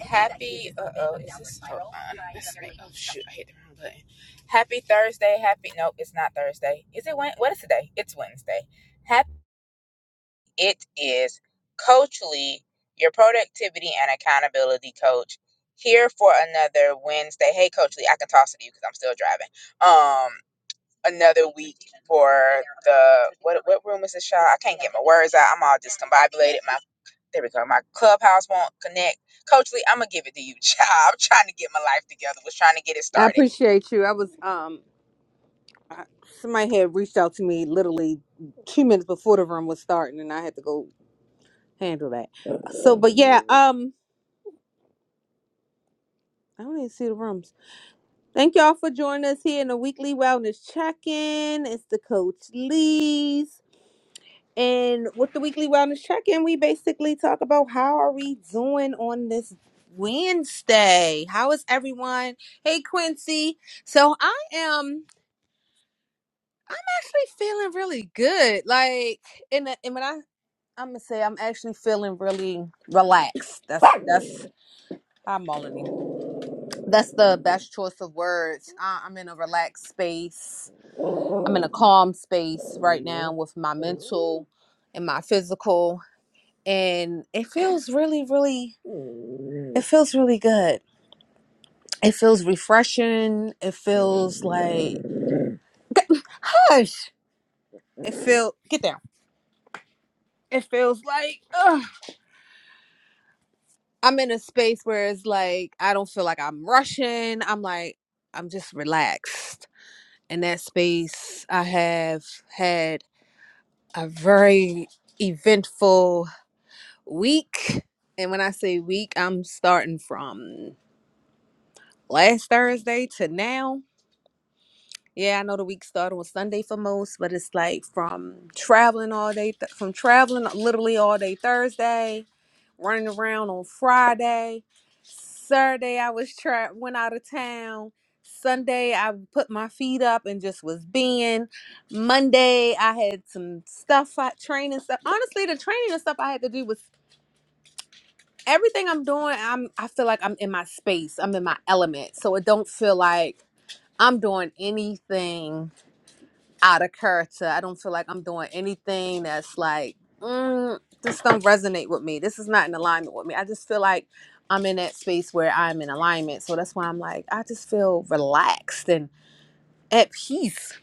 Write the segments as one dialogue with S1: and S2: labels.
S1: Happy. Uh oh, is this? Hold on. This is, oh shoot, I hit the wrong button. Happy Thursday. Happy. Nope, it's not Thursday. Is it Wed? What is today? It's Wednesday. Happy. It is Coachly, your productivity and accountability coach, here for another Wednesday. Hey, Coachly, I can toss it to you because I'm still driving. Um, another week for the what? What room is this, y'all? I can't get my words out. I'm all discombobulated. My there we go. My clubhouse won't connect. Coach Lee, I'm gonna give it to you, child. I'm trying to get my life together. Was trying to get it
S2: I
S1: started.
S2: appreciate you. I was um I- somebody had reached out to me literally two minutes before the room was starting, and I had to go handle that. So, but yeah, um, I don't even see the rooms. Thank y'all for joining us here in the weekly wellness check-in. It's the Coach Lee's, and with the weekly wellness check-in, we basically talk about how are we doing on this Wednesday? How is everyone? Hey, Quincy. So I am. I'm actually feeling really good. Like, and uh, and when I I'm gonna say I'm actually feeling really relaxed. That's that's hi Melanie. That's the best choice of words. I, I'm in a relaxed space. I'm in a calm space right now with my mental and my physical, and it feels really, really. It feels really good. It feels refreshing. It feels like gosh. It feel get down. It feels like ugh. I'm in a space where it's like I don't feel like I'm rushing. I'm like I'm just relaxed. In that space, I have had a very eventful week. And when I say week, I'm starting from last Thursday to now. Yeah, I know the week started on Sunday for most, but it's like from traveling all day, th- from traveling literally all day Thursday, running around on Friday. Saturday, I was tra- went out of town. Sunday, I put my feet up and just was being. Monday, I had some stuff, I, training stuff. Honestly, the training and stuff I had to do was everything I'm doing. I'm I feel like I'm in my space. I'm in my element, so it don't feel like I'm doing anything out of character. I don't feel like I'm doing anything that's like, mm, this don't resonate with me. This is not in alignment with me. I just feel like I'm in that space where I'm in alignment. So that's why I'm like, I just feel relaxed and at peace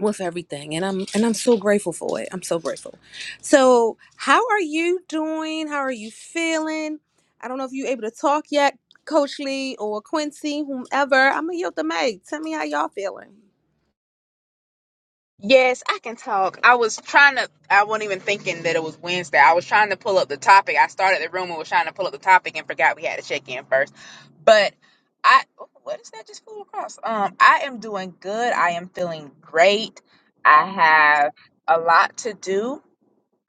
S2: with everything. And I'm and I'm so grateful for it. I'm so grateful. So how are you doing? How are you feeling? I don't know if you're able to talk yet, Coach Lee or Quincy, whomever. I'm gonna yield the mic. Tell me how y'all feeling.
S1: Yes, I can talk. I was trying to. I wasn't even thinking that it was Wednesday. I was trying to pull up the topic. I started the room and was trying to pull up the topic and forgot we had to check in first. But I, oh, what is that just flew across? Um, I am doing good. I am feeling great. I have a lot to do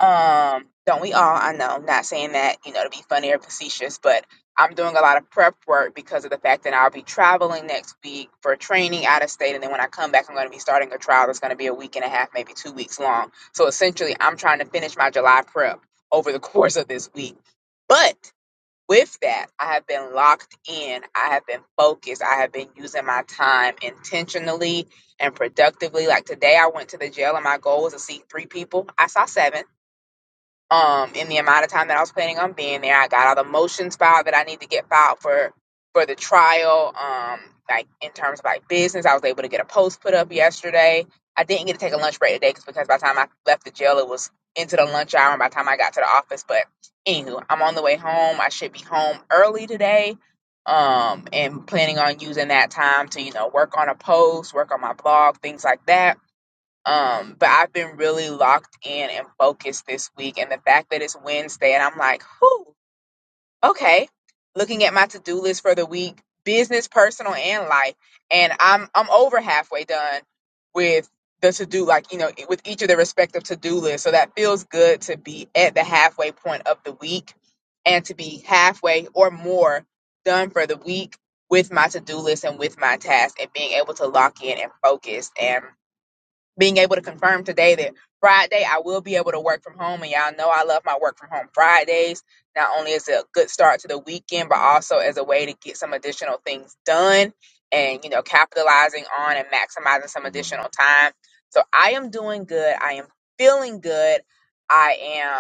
S1: Um, don't we all? I know, not saying that, you know, to be funny or facetious, but I'm doing a lot of prep work because of the fact that I'll be traveling next week for training out of state. And then when I come back, I'm going to be starting a trial that's going to be a week and a half, maybe two weeks long. So essentially, I'm trying to finish my July prep over the course of this week. But with that, I have been locked in. I have been focused. I have been using my time intentionally and productively. Like today, I went to the jail, and my goal was to see three people. I saw seven um in the amount of time that I was planning on being there. I got all the motions filed that I need to get filed for for the trial. Um, like in terms of like business, I was able to get a post put up yesterday. I didn't get to take a lunch break today 'cause- because by the time I left the jail, it was into the lunch hour, and by the time I got to the office. But anywho, I'm on the way home. I should be home early today. Um, and planning on using that time to you know work on a post, work on my blog, things like that um, but I've been really locked in and focused this week. And the fact that it's Wednesday and I'm like, whoo, okay. Looking at my to-do list for the week, business, personal, and life. And I'm I'm over halfway done with the to-do, like, you know, with each of the respective to-do lists. So that feels good to be at the halfway point of the week and to be halfway or more done for the week with my to-do list and with my task and being able to lock in and focus. And being able to confirm today that Friday I will be able to work from home. And y'all know I love my work from home Fridays. Not only is it a good start to the weekend, but also as a way to get some additional things done and, you know, capitalizing on and maximizing some additional time. So I am doing good. I am feeling good. I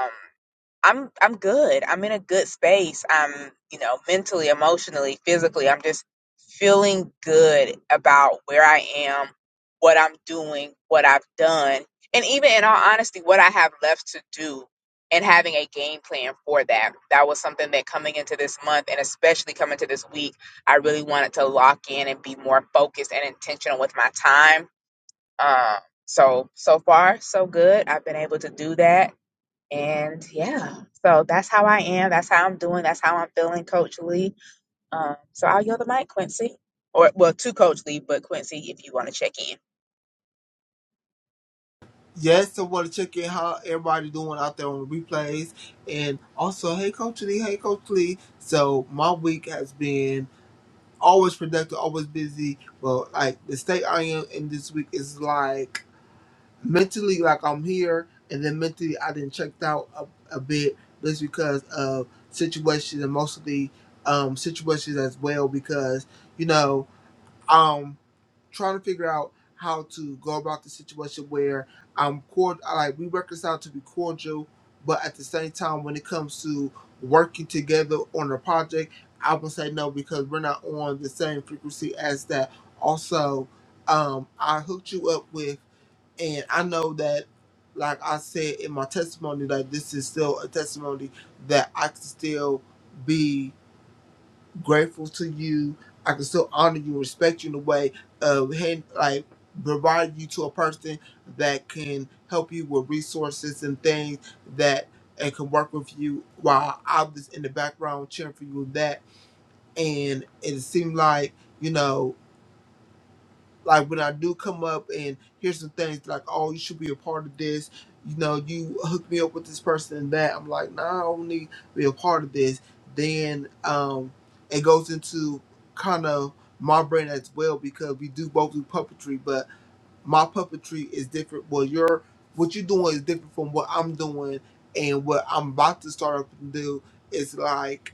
S1: am. I'm I'm good. I'm in a good space. I'm, you know, mentally, emotionally, physically, I'm just feeling good about where I am, what I'm doing, what I've done, and even in all honesty, what I have left to do and having a game plan for that. That was something that coming into this month and especially coming to this week, I really wanted to lock in and be more focused and intentional with my time. Um so so far so good. I've been able to do that and yeah, so that's how I am. That's how I'm doing. That's how I'm feeling, Coach Lee. Um, so I'll yield the mic, Quincy. Or, well, to Coach Lee, but Quincy, if you want to check in,
S3: Yes, so want to check in how everybody doing out there on the replays. And also, hey Coach Lee, hey Coach Lee. So my week has been always productive, always busy. Well, like the state I am in this week is like mentally like I'm here and then mentally I didn't checked out a, a bit just because of situations and mostly um situations as well because, you know, um trying to figure out how to go about the situation where I'm cord like we reconcile to be cordial, but at the same time when it comes to working together on a project, I would say no because we're not on the same frequency as that. Also, um I hooked you up with and I know that like I said in my testimony, like this is still a testimony that I can still be grateful to you. I can still honor you, respect you in a way of hand, like provide you to a person that can help you with resources and things that and can work with you while I was in the background cheering for you with that. And it seemed like, you know, like when I do come up and hear some things like, oh, you should be a part of this. You know, you hook me up with this person and that. I'm like, nah, I don't need to be a part of this. Then um, it goes into kind of my brain as well because we do both do puppetry, but my puppetry is different. Well, your what you're doing is different from what I'm doing, and what I'm about to start up and do is like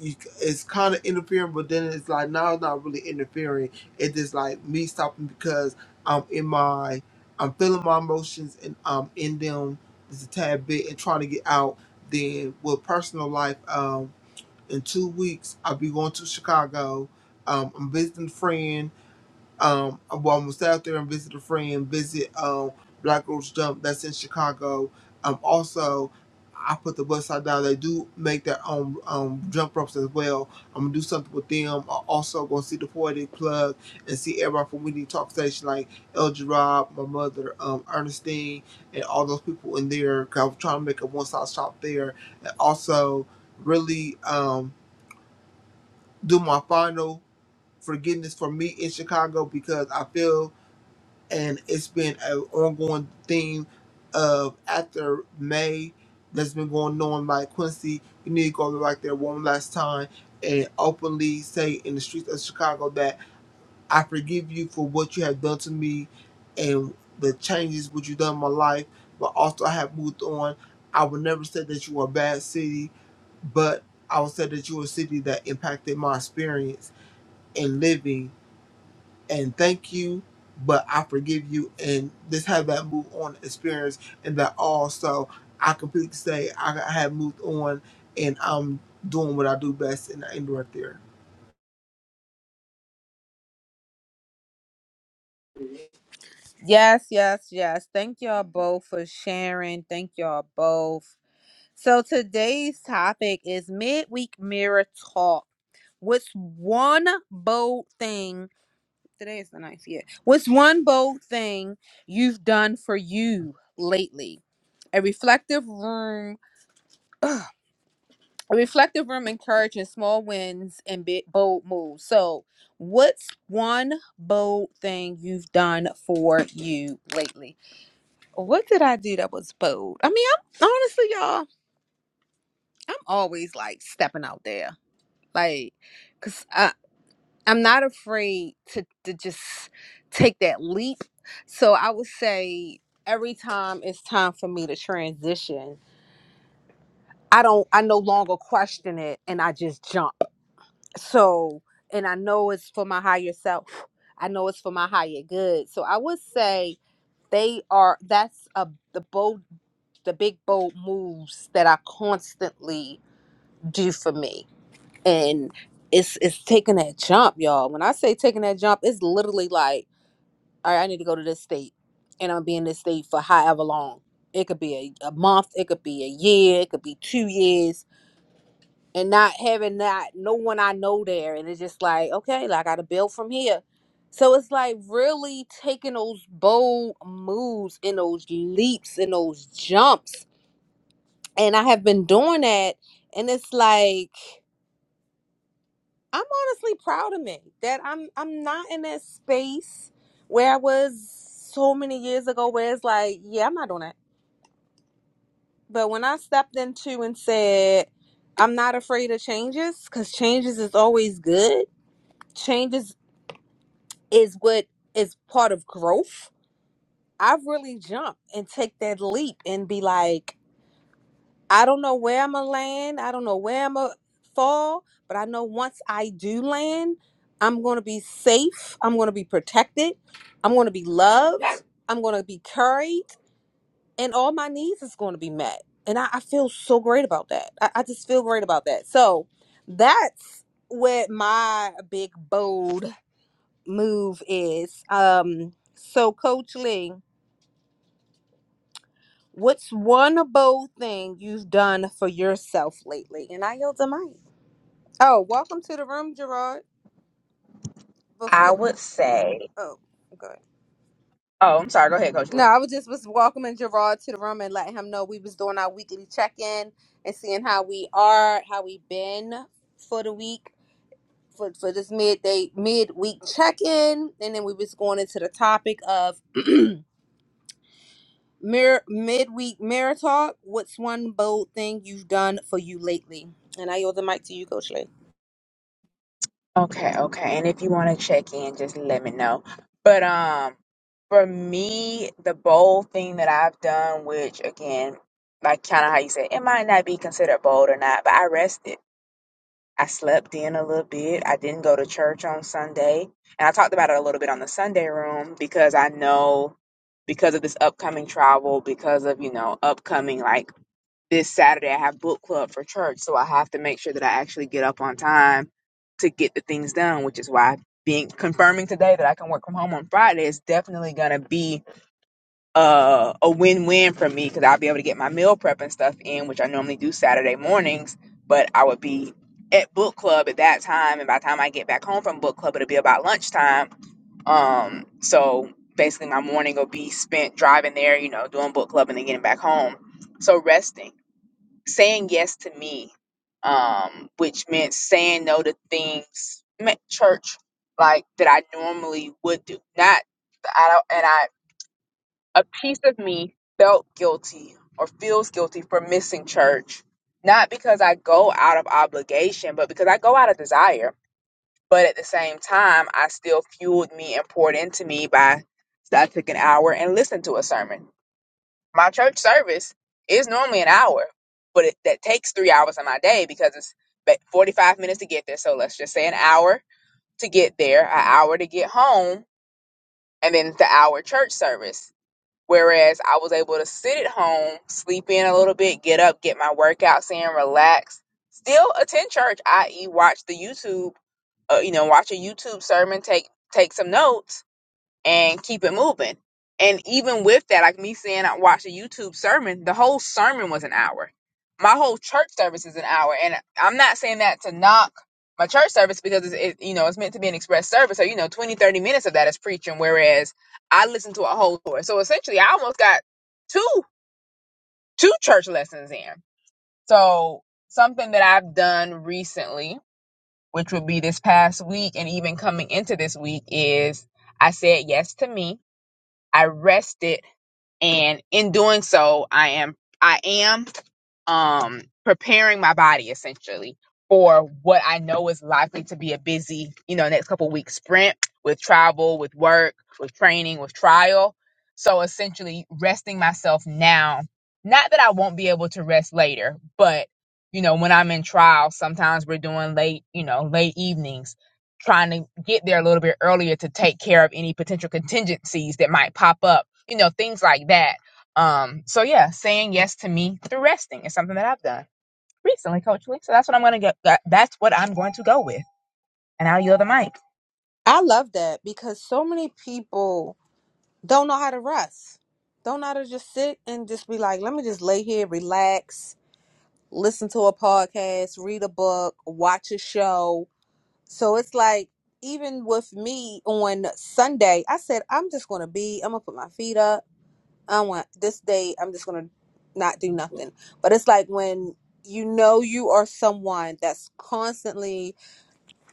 S3: you, it's kind of interfering, but then it's like now it's not really interfering. It's just like me stopping because I'm in my, I'm feeling my emotions and I'm in them just a tad bit and trying to get out. Then with personal life, um, in two weeks I'll be going to Chicago. Um, I'm visiting a friend um, I'm well, I'm gonna stay out there and visit a friend, visit um Black Rose Jump that's in Chicago. Um, also, I put the website down. They do make their own um jump ropes as well. I'm gonna do something with them. I also gonna see the poetic plug and see everybody from Winnie Talk Station like El Gerard, my mother, um Ernestine, and all those people in there. 'cause I was trying to make a one stop shop there, and also really um do my final forgiveness for me in Chicago because I feel and it's been an ongoing theme of after May that's been going on. Like Quincy, you need to go back there one last time and openly say in the streets of Chicago that I forgive you for what you have done to me and the changes what you've done in my life, but also I have moved on. I would never say that you are a bad city, but I would say that you are a city that impacted my experience in living and thank you, but I forgive you, and just have that move on experience, and that also I completely say I have moved on, and I'm doing what I do best, and I end right there.
S2: Yes, yes, yes. Thank y'all both for sharing. Thank y'all both. So today's topic is midweek mirror talk. What's one bold thing? Today is the ninth, yeah. What's one bold thing you've done for you lately? A reflective room, ugh, a reflective room encouraging small wins and big bold moves. So, what's one bold thing you've done for you lately? What did I do that was bold? I mean, I'm honestly, y'all, I'm always like stepping out there, like, cause I, I'm not afraid to to just take that leap. So I would say every time it's time for me to transition, I don't, I no longer question it, and I just jump. So, and I know it's for my higher self. I know it's for my higher good. So I would say they are. That's a the bold. the big bold moves that I constantly do for me. And it's it's taking that jump, y'all. When I say taking that jump, it's literally like, all right, I need to go to this state and I'm gonna be in this state for however long. It could be a, a month, it could be a year, it could be two years, and not having that no one I know there, and it's just like, okay, like I gotta build from here. So it's like really taking those bold moves and those leaps and those jumps and I have been doing that and it's like I'm honestly proud of me that I'm I'm not in that space where I was so many years ago where it's like yeah I'm not doing that but when I stepped into and said I'm not afraid of changes cuz changes is always good changes is what is part of growth I've really jumped and take that leap and be like I don't know where I'm gonna land. I don't know where I'm gonna fall, but I know once I do land, I'm gonna be safe. I'm gonna be protected. I'm gonna be loved. I'm gonna be carried, and all my needs is gonna be met. And I, I feel so great about that. I, I just feel great about that. So that's what my big bold move is. Um, so Coach Lee, what's one bold thing you've done for yourself lately? And I yield the mic. Oh, welcome to the room, Gerard.
S1: I
S2: Before
S1: would say,
S2: oh, okay.
S1: oh, I'm sorry. Go ahead, Coach
S2: No,
S1: Lee.
S2: I was just was welcoming Gerard to the room and letting him know we was doing our weekly check in and seeing how we are, how we been for the week for for this midday midweek check in, and then we was going into the topic of mirror midweek mirror talk. What's one bold thing you've done for you lately? And I yield the mic to you, Coach Lee.
S1: Okay, okay. And if you want to check in, just let me know. But um, for me, the bold thing that I've done, which again, like kind of how you said, it might not be considered bold or not, but I rested. I slept in a little bit. I didn't go to church on Sunday. And I talked about it a little bit on the Sunday room because I know because of this upcoming travel, because of, you know, upcoming like this Saturday, I have book club for church. So I have to make sure that I actually get up on time to get the things done, which is why being confirming today that I can work from home on Friday is definitely going to be uh, a win-win for me because I'll be able to get my meal prep and stuff in, which I normally do Saturday mornings. But I would be at book club at that time, and by the time I get back home from book club, it'll be about lunchtime. Um, so basically, my morning will be spent driving there, you know, doing book club, and then getting back home. So resting, saying yes to me, um, which meant saying no to things, meant church, like that I normally would do. Not I don't, and I a piece of me felt guilty or feels guilty for missing church, not because I go out of obligation, but because I go out of desire. But at the same time, I still fueled me and poured into me by I took an hour and listened to a sermon. My church service is normally an hour, but it, that takes three hours of my day because it's ba- 45 minutes to get there. So let's just say an hour to get there, an hour to get home, and then the hour church service Whereas I was able to sit at home, sleep in a little bit, get up, get my workouts in, relax, still attend church, i.e., watch the YouTube, uh, you know, watch a YouTube sermon, take take some notes, and keep it moving. And even with that, like me saying I watched a YouTube sermon, the whole sermon was an hour. My whole church service is an hour, and I'm not saying that to knock my church service because it's, it, you know it's meant to be an express service. So you know, 20 30 minutes of that is preaching, whereas I listened to a whole course. So essentially, I almost got two two church lessons in. So something that I've done recently, which would be this past week, and even coming into this week, is I said yes to me I rested, and in doing so, I am I am um preparing my body essentially for what I know is likely to be a busy, you know, next couple weeks sprint with travel, with work, with training, with trial. So essentially resting myself now. Not that I won't be able to rest later, but you know, when I'm in trial, sometimes we're doing late, you know, late evenings trying to get there a little bit earlier to take care of any potential contingencies that might pop up, you know, things like that. Um, so yeah, saying yes to me through resting is something that I've done recently, Coach Lee. So that's what I'm gonna get. That, that's what I'm going to go with, and I'll yield the mic.
S2: I love that because so many people don't know how to rest. Don't know how to just sit and just be like, let me just lay here, relax, listen to a podcast, read a book, watch a show. So it's like, even with me on Sunday, I said, I'm just going to be, I'm going to put my feet up. I want this day, I'm just going to not do nothing. But it's like when you know you are someone that's constantly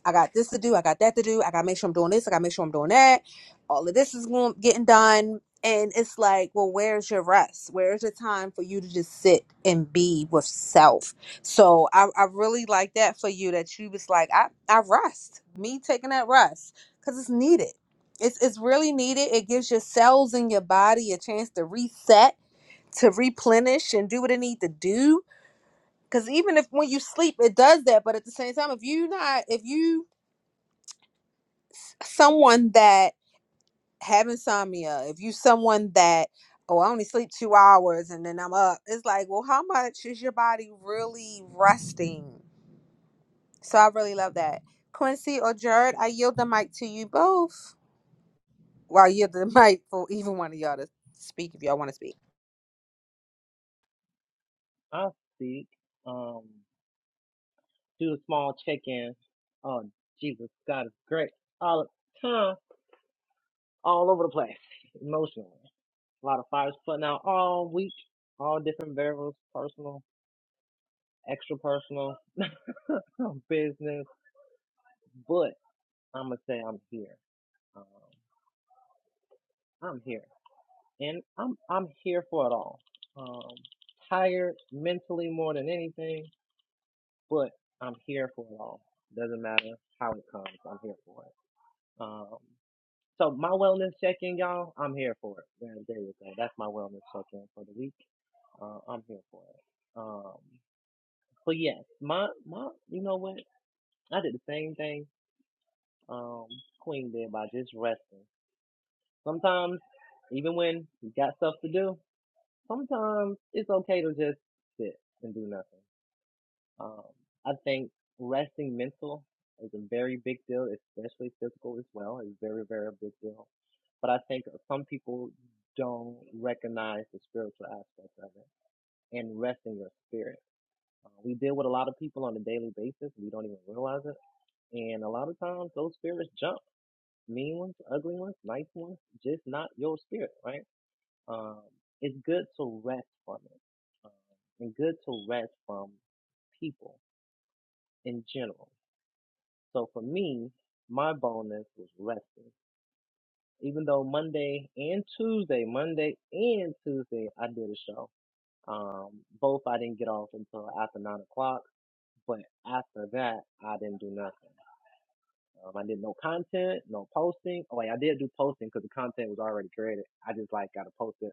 S2: I got this to do. I got that to do. I got to make sure I'm doing this. I got to make sure I'm doing that. All of this is going getting done. And it's like, well, where's your rest? Where's your time for you to just sit and be with self? So I, I really like that for you that you was like, I, I rest, me taking that rest because it's needed. It's, it's really needed. It gives your cells in your body a chance to reset, to replenish, and do what it need to do. Because even if when you sleep, it does that. But at the same time, if you not, if you someone that have insomnia, if you someone that oh I only sleep two hours and then I'm up, it's like well how much is your body really resting? So I really love that. Quincy or Jared, I yield the mic to you both. Well, I yield the mic for even one of y'all to speak if y'all want to speak.
S4: I'll speak. Um, do a small check-in. Oh, Jesus, God is great. All the time, all over the place, emotionally. A lot of fires putting out all week, all different variables, personal, extra personal, business. But I'm gonna say I'm here. Um, I'm here, and I'm I'm here for it all. Um, tired mentally more than anything, but I'm here for it all. Doesn't matter how it comes, I'm here for it. Um. So my wellness check-in, y'all, I'm here for it. There, there you go. That's my wellness check-in for the week. Uh, I'm here for it. Um, but yes, my my, you know what? I did the same thing um Queen did by just resting. Sometimes, even when you got stuff to do, sometimes it's okay to just sit and do nothing. Um, I think resting mental is a very big deal, especially physical as well. It's very very big deal But I think some people don't recognize the spiritual aspect of it and rest in your spirit. Uh, we deal with a lot of people on a daily basis. We don't even realize it. And a lot of times those spirits jump. Mean ones, ugly ones, nice ones, just not your spirit, right? Um, it's good to rest from it um, and good to rest from people in general. So for me, my bonus was resting. Even though Monday and Tuesday, Monday and Tuesday, I did a show Um, both I didn't get off until after nine o'clock, but after that I didn't do nothing. Um, I did no content, no posting. Oh, wait, I did do posting because the content was already created. I just like gotta post it.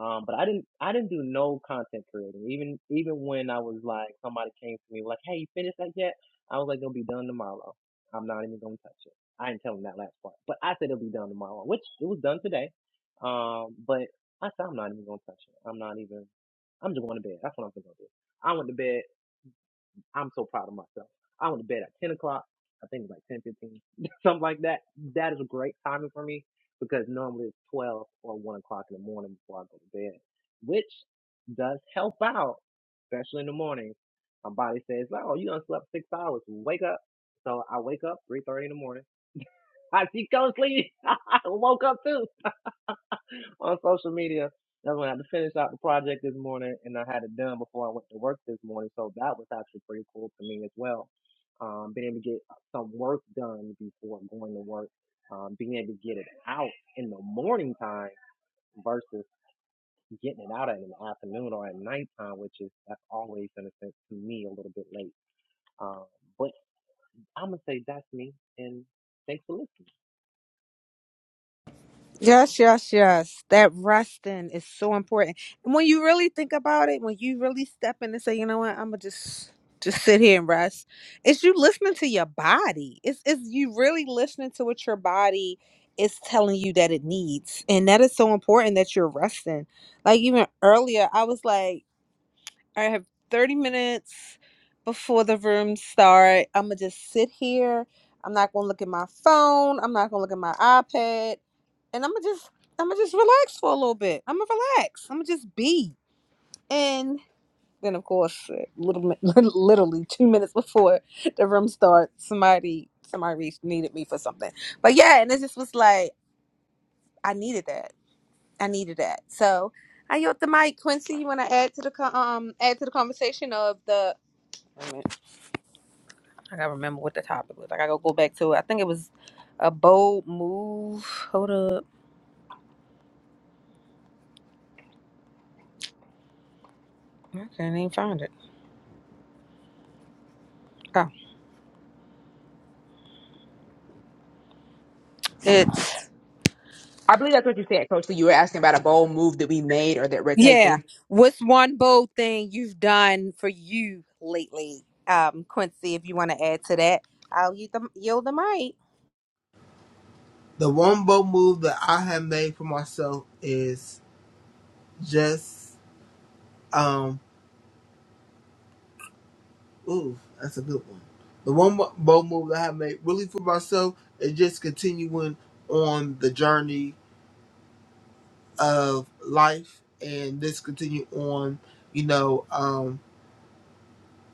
S4: Um, but I didn't, I didn't do no content creating. Even, even when I was like, somebody came to me like, "Hey, you finished that yet?" I was like, "It'll be done tomorrow. I'm not even gonna touch it." I didn't tell them that last part, but I said it'll be done tomorrow, which it was done today. Um, but I said I'm not even gonna touch it. I'm not even. I'm just going to bed. That's what I'm going to do. I went to bed. I'm so proud of myself. I went to bed at 10 o'clock. I think it was like 10:15, something like that. That is a great timing for me because normally it's 12 or 1 o'clock in the morning before I go to bed, which does help out, especially in the morning. My body says, oh, you done slept six hours. Wake up. So I wake up 3.30 in the morning. I see Coach Lee. I woke up too on social media. That's when I had to finish out the project this morning, and I had it done before I went to work this morning. So that was actually pretty cool for me as well. Um, being able to get some work done before going to work, um, being able to get it out in the morning time versus getting it out in the afternoon or at nighttime, which is that's always in a sense to me a little bit late. Um, but I'm gonna say that's me, and thanks for listening.
S2: Yes, yes, yes. That resting is so important. And when you really think about it, when you really step in and say, you know what, I'm gonna just just sit here and rest. It's you listening to your body. It's it's you really listening to what your body is telling you that it needs. And that is so important that you're resting. Like even earlier, I was like. I have 30 minutes before the room start. I'm gonna just sit here. I'm not gonna look at my phone. I'm not gonna look at my iPad. And I'm gonna just I'm gonna just relax for a little bit. I'm gonna relax. I'm gonna just be. And then of course, a little mi- literally two minutes before the room starts, somebody somebody reached, needed me for something. But yeah, and it just was like I needed that. I needed that. So I yield the mic, Quincy. You want to add to the co- um add to the conversation of the Wait a minute. I gotta remember what the topic was. I gotta go back to it. I think it was a bold move. Hold up. I can't even find it. Oh, it's
S1: I believe that's what you said, Coach Lee. You were asking about a bold move that we made or that we're
S2: yeah.
S1: taking.
S2: What's one bold thing you've done for you lately, um, Quincy? If you want to add to that, I'll yield the, yield the mic.
S3: The one bold move that I have made for myself is just um ooh that's a good one. The one bo- bold move that I have made really for myself is just continuing on the journey of life and just continue on, you know. Um,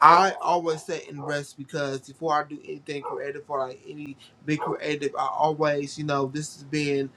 S3: I always sit and rest because before I do anything creative or like any big creative, I always, you know, this has been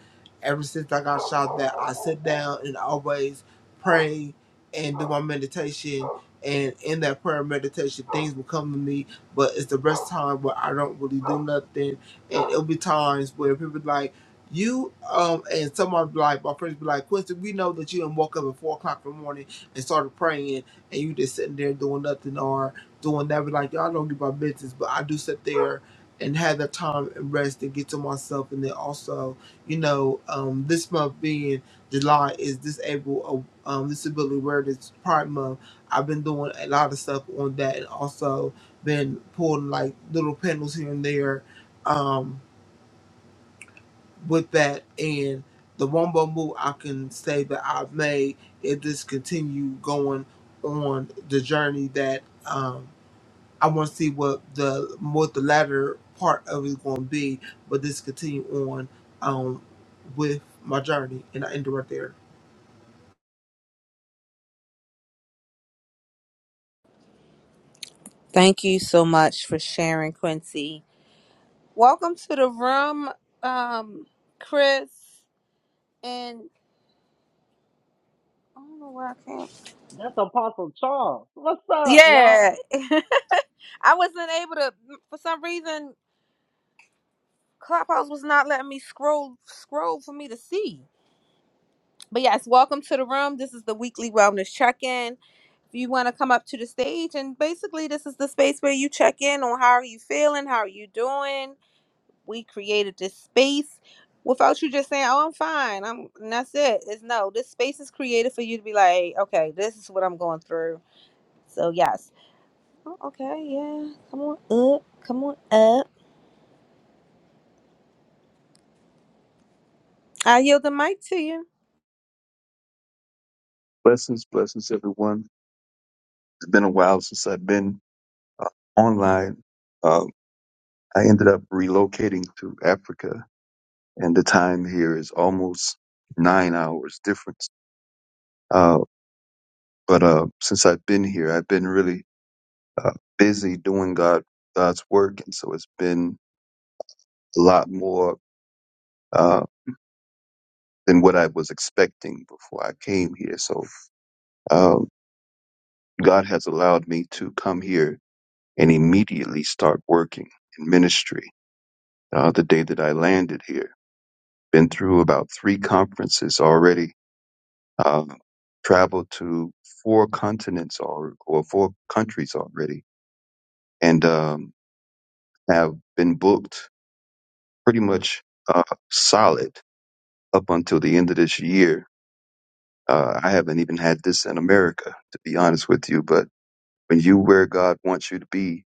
S3: ever since I got shot that I sit down and always pray and do my meditation. And in that prayer and meditation, things will come to me, but it's the best time where I don't really do nothing. And it'll be times where people be like, you um and someone be like my friends be like Quincy, we know that you didn't woke up at four o'clock in the morning and started praying and you just sitting there doing nothing or doing that. be like, y'all don't get my business. But I do sit there and have that time and rest and get to myself. And then also, you know, um, this month being July is disabled uh, um, disability awareness Pride Month. I've been doing a lot of stuff on that, and also been pulling like little panels here and there um, with that. And the one more move I can say that I've made is just continue going on the journey that. Um, I want to see what the what the latter part of it is going to be, but this continue on um with my journey, and I end it right there.
S2: Thank you so much for sharing, Quincy. Welcome to the room, um, Chris. And I don't know where I came.
S4: That's Apostle Charles. What's up, y'all?
S2: Yeah, I wasn't able to. For some reason, Clubhouse was not letting me scroll scroll for me to see. But yes, welcome to the room. This is the weekly wellness check-in. If you want to come up to the stage and basically this is the space where you check in on how are you feeling, how are you doing. We created this space without you just saying, "Oh, I'm fine." I'm and that's it. It's no. This space is created for you to be like, "Okay, this is what I'm going through." So, yes. Oh, okay, yeah. Come on up. Come on up. I yield the mic to you.
S5: Blessings, blessings, everyone. It's been a while since I've been uh, online. Uh, I ended up relocating to Africa, and the time here is almost nine hours difference. Uh, but uh, since I've been here, I've been really uh, busy doing God God's work, and so it's been a lot more uh, than what I was expecting before I came here. So uh, God has allowed me to come here and immediately start working in ministry uh, the day that I landed here. Been through about three conferences already. Uh, traveled to four continents or, or four countries already, and um, have been booked pretty much uh, solid up until the end of this year. Uh, I haven't even had this in America, to be honest with you. But when you where God wants you to be,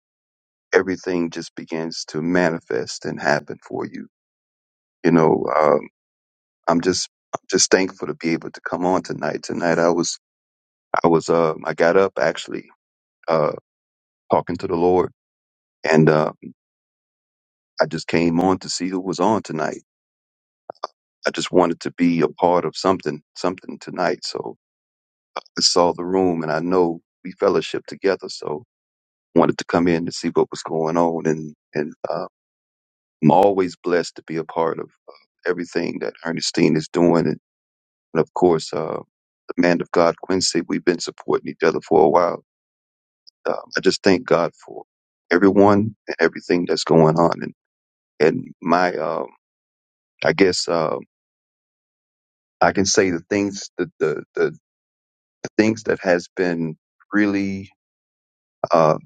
S5: everything just begins to manifest and happen for you. You know, uh, I'm just I'm just thankful to be able to come on tonight. Tonight I was I was uh I got up actually uh talking to the Lord and uh I just came on to see who was on tonight. I just wanted to be a part of something something tonight. So I saw the room and I know we fellowship together, so wanted to come in to see what was going on and and uh, I'm always blessed to be a part of uh, everything that Ernestine is doing and, and of course uh the man of God Quincy, we've been supporting each other for a while um, I just thank God for everyone and everything that's going on. And and my, um, I guess um I can say the things that the, the the things that has been really uh,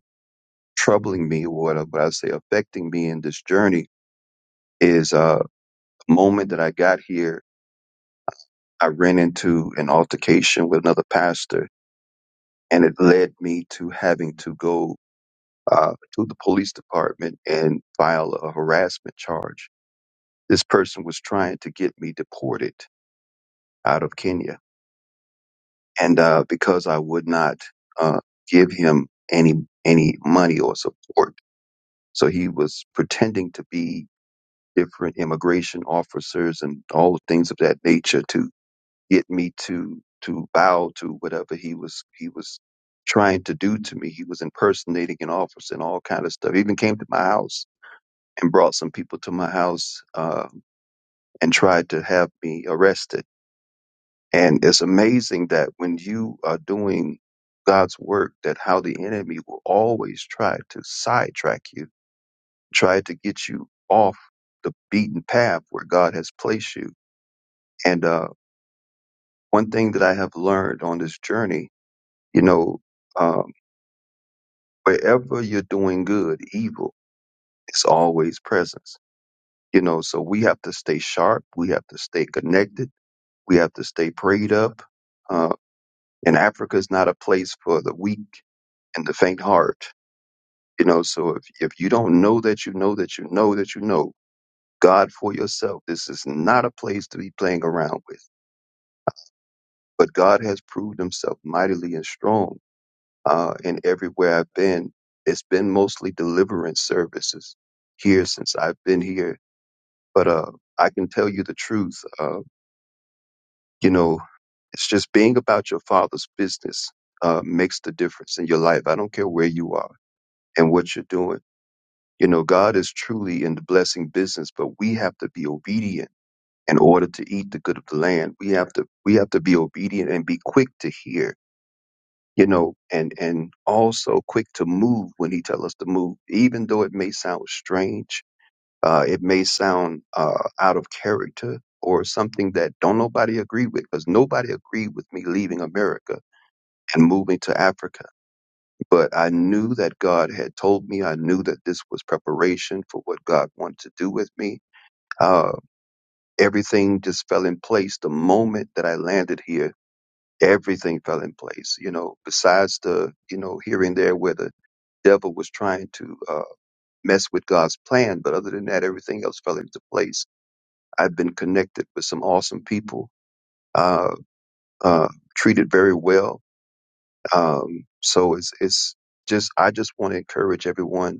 S5: troubling me, or what I, what I say affecting me in this journey, is uh, the moment that I got here, I ran into an altercation with another pastor, and it led me to having to go. Uh, to the police department and file a harassment charge This person was trying to get me deported out of Kenya, and uh, because I would not uh, give him any any money or support, so he was pretending to be different immigration officers and all things of that nature to get me to to bow to whatever he was he was trying to do to me. He was impersonating an officer and all kind of stuff. He even came to my house and brought some people to my house uh, and tried to have me arrested And it's amazing that when you are doing God's work, that how the enemy will always try to sidetrack you, try to get you off the beaten path where God has placed you. And uh, one thing that I have learned on this journey, you know, um, wherever you're doing good, evil is always presence. You know, so we have to stay sharp. We have to stay connected. We have to stay prayed up. Uh, and Africa is not a place for the weak and the faint heart. You know, so if, if you don't know that you know that you know that you know God for yourself, this is not a place to be playing around with. But God has proved himself mightily and strong uh, in everywhere I've been. It's been mostly deliverance services here since I've been here. But uh, I can tell you the truth. Uh, you know, it's just being about your father's business uh, makes the difference in your life. I don't care where you are and what you're doing You know, God is truly in the blessing business, but we have to be obedient in order to eat the good of the land. We have to we have to be obedient and be quick to hear, you know, and and also quick to move when He tells us to move, even though it may sound strange, uh, it may sound uh, out of character or something that don't nobody agree with, because nobody agreed with me leaving America and moving to Africa. But I knew that God had told me. I knew that this was preparation for what God wanted to do with me. Uh, everything just fell in place. The moment that I landed here, everything fell in place. You know, besides the, you know, here and there where the devil was trying to uh, mess with God's plan. But other than that, everything else fell into place. I've been connected with some awesome people, uh, uh, treated very well. Um, so it's, it's just, I just want to encourage everyone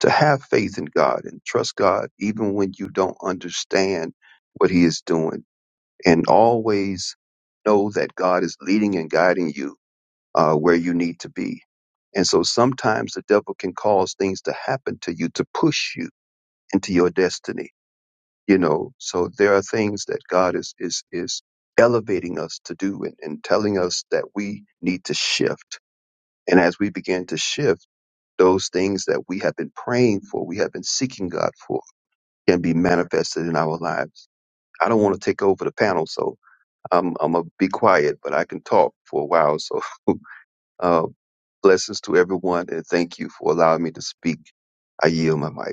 S5: to have faith in God and trust God even when you don't understand what He is doing. And always know that God is leading and guiding you uh, where you need to be. And so sometimes the devil can cause things to happen to you to push you into your destiny. You know, so there are things that God is is is elevating us to do and, and telling us that we need to shift. And as we begin to shift, those things that we have been praying for, we have been seeking God for can be manifested in our lives. I don't want to take over the panel, so I'm, I'm going to be quiet, but I can talk for a while. So uh, blessings to everyone, and thank you for allowing me to speak. I yield my mic.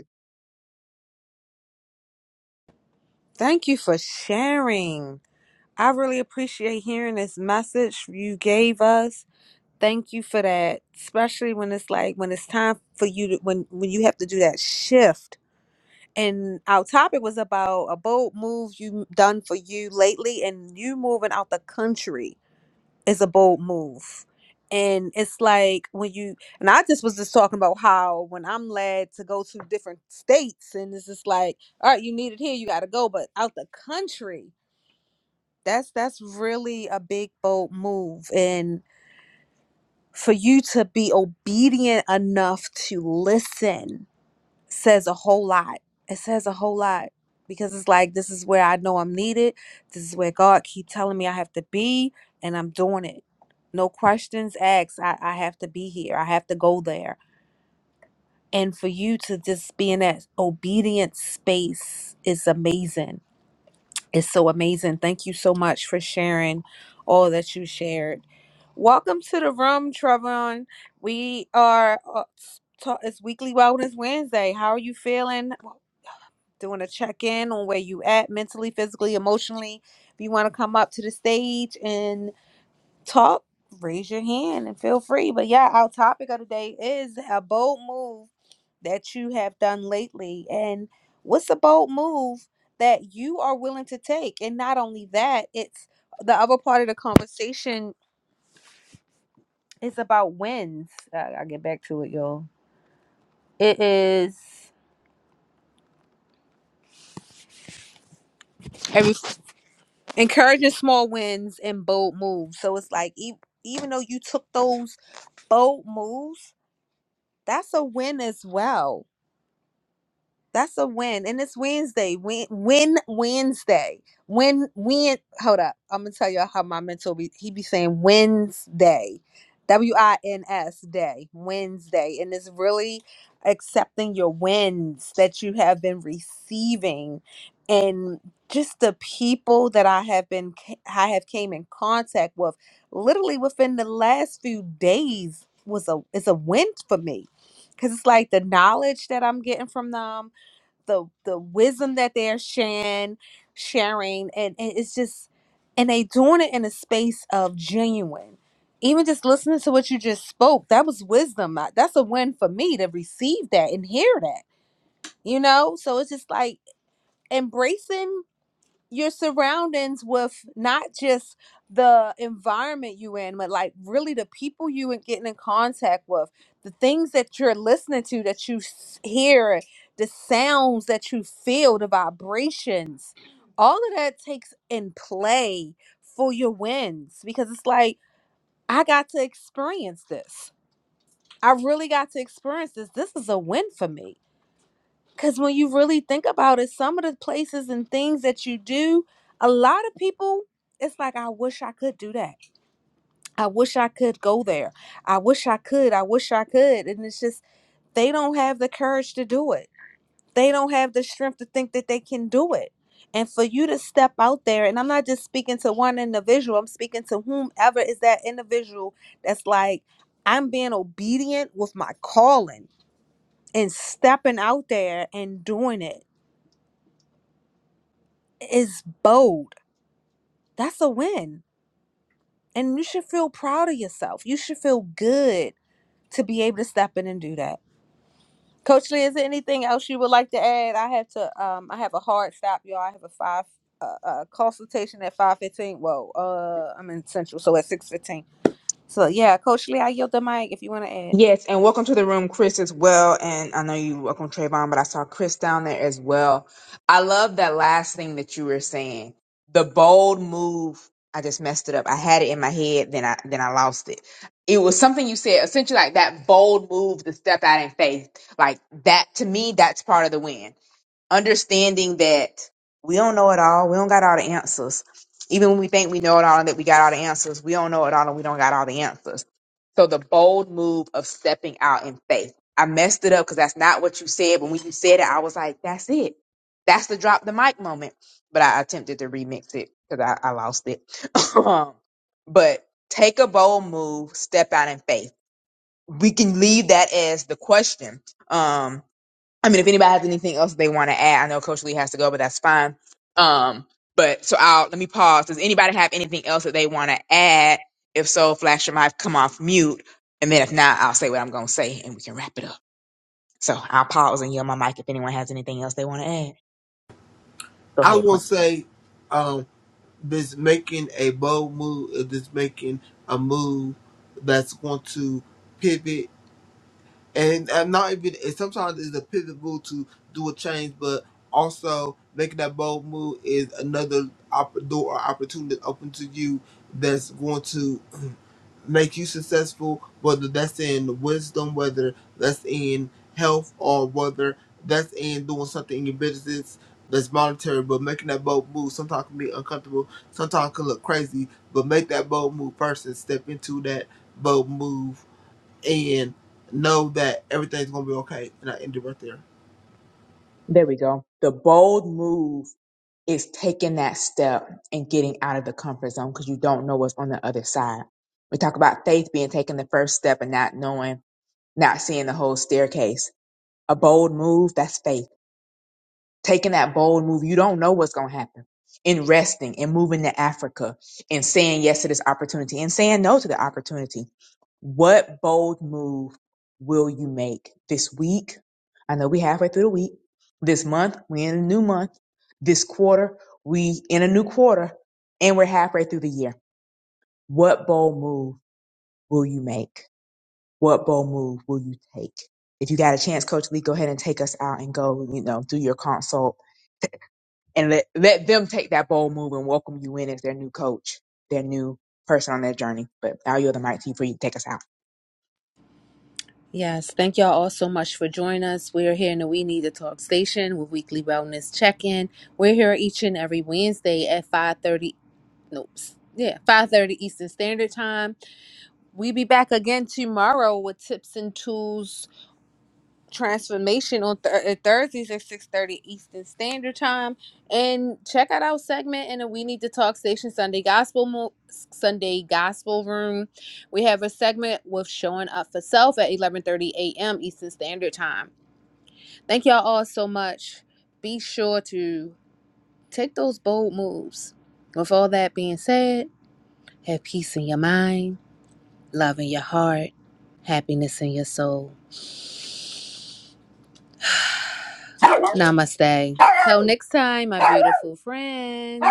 S2: Thank you for sharing. I really appreciate hearing this message you gave us. Thank you for that, especially when it's like when it's time for you to when when you have to do that shift. And our topic was about a bold move you done for you lately, and you moving out the country is a bold move. And it's like when you and I just was just talking about how when I'm led to go to different states, and it's just like, all right, you need it here, you got to go, but out the country that's that's really a big bold move and for you to be obedient enough to listen says a whole lot it says a whole lot because it's like this is where i know i'm needed this is where god keep telling me i have to be and i'm doing it no questions asked i, I have to be here i have to go there and for you to just be in that obedient space is amazing It's so amazing. Thank you so much for sharing all that you shared. Welcome to the room, Trevon. We are uh, s- ta- it's Weekly Wellness Wednesday. How are you feeling? Well, Doing a check in on where you at mentally, physically, emotionally. If you want to come up to the stage and talk, raise your hand and feel free. But yeah, our topic of the day is a bold move that you have done lately and what's a bold move that you are willing to take and not only that it's the other part of the conversation is about wins uh, i'll get back to it y'all it is every encouraging small wins and bold moves so it's like e- even though you took those bold moves that's a win as well That's a win. And it's Wednesday. Win win Wednesday. Win win hold up. I'm gonna tell y'all how my mentor be he be saying Wednesday. W I N S day. Wednesday. And it's really accepting your wins that you have been receiving and just the people that I have been I have came in contact with literally within the last few days was a is a win for me. Cause it's like the knowledge that I'm getting from them the the wisdom that they're sharing sharing and, and it's just and they doing it in a space of genuine even just listening to what you just spoke that was wisdom I- that's a win for me to receive that and hear that you know so it's just like embracing your surroundings with not just the environment you in, but like really the people you are getting in contact with, the things that you're listening to, that you s- hear, the sounds that you feel, the vibrations, all of that takes in play for your wins because it's like, I got to experience this. I really got to experience this. This is a win for me because when you really think about it, some of the places and things that you do, a lot of people, it's like, I wish I could do that. I wish I could go there. I wish I could. I wish I could. And it's just, they don't have the courage to do it. They don't have the strength to think that they can do it. And for you to step out there, and I'm not just speaking to one individual, I'm speaking to whomever is that individual that's like, I'm being obedient with my calling and stepping out there and doing it is bold. That's a win. And you should feel proud of yourself. You should feel good to be able to step in and do that. Coach Lee, is there anything else you would like to add? I have to um I have a hard stop, y'all. I have a five uh, uh consultation at five fifteen. Whoa, uh I'm in central, so at six fifteen. So yeah, Coach Lee, I yield the mic if you wanna add.
S1: Yes, and welcome to the room, Chris, as well. And I know you welcome Trayvon, but I saw Chris down there as well. I love that last thing that you were saying. The bold move. I just messed it up. I had it in my head, then I then I lost it. It was something you said, essentially like that bold move to step out in faith. Like that to me, that's part of the win understanding that we don't know it all. We don't got all the answers. Even when we think we know it all and that we got all the answers, we don't know it all and we don't got all the answers. So the bold move of stepping out in faith. I messed it up because that's not what you said. But when you said it, I was like, that's it. That's the drop the mic moment. But I attempted to remix it because I, I lost it. Um, but take a bold move, step out in faith. We can leave that as the question. Um, I mean, if anybody has anything else they want to add, I know Coach Lee has to go, but that's fine. Um, but so I'll let me pause. Does anybody have anything else that they want to add? If so, flash your mic, come off mute, and then if not, I'll say what I'm gonna say, and we can wrap it up. So I'll pause and yell my mic if anyone has anything else they want to add. Go
S3: I
S1: ahead,
S3: will
S1: Quincy.
S3: say, um, this making a bold move is this making a move that's going to pivot, and, and not even and sometimes it's a pivot move to do a change, but also making that bold move is another op- door or opportunity open to you that's going to make you successful, whether that's in wisdom, whether that's in health, or whether that's in doing something in your business that's monetary, but making that bold move sometimes can be uncomfortable, sometimes can look crazy, but make that bold move first and step into that bold move and know that everything's gonna be okay. And I end it right there.
S1: There we go. The bold move is taking that step and getting out of the comfort zone because you don't know what's on the other side. We talk about faith being taking the first step and not knowing, not seeing the whole staircase. A bold move, that's faith. taking that bold move. You don't know what's going to happen. In resting and moving to Africa and saying yes to this opportunity and saying no to the opportunity. What bold move will you make this week? I know we halfway through the week. This month, we are in a new month. This quarter, we in a new quarter and we're halfway through the year. What bold move will you make? What bold move will you take? If you got a chance, Coach Lee, go ahead and take us out and go, you know, do your consult and let, let them take that bold move and welcome you in as their new coach, their new person on their journey. But I'll yield the mic to you for you to take us out.
S2: Yes, thank y'all all so much for joining us. We're here in the We Need to Talk station with weekly wellness check-in. We're here each and every Wednesday at 5:30 nope. Yeah, five thirty Eastern Standard Time. We be back again tomorrow with tips and tools transformation on th- uh, Thursdays at six thirty Eastern Standard Time. And check out our segment in the We Need to Talk Station Sunday Gospel Mo- Sunday Gospel Room. We have a segment with showing up for self at eleven thirty a.m. Eastern Standard Time. Thank y'all all so much. Be sure to take those bold moves. With all that being said, have peace in your mind love in your heart, happiness in your soul. Namaste. Till next time, my beautiful friends.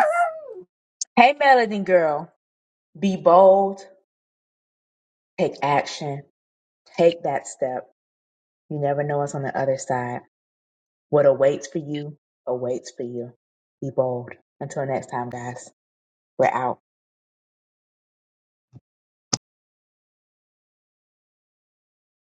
S1: Hey, Melody girl, be bold, take action, take that step. You never know what's on the other side. What awaits for you awaits for you. Be bold. Until next time, guys, we're out.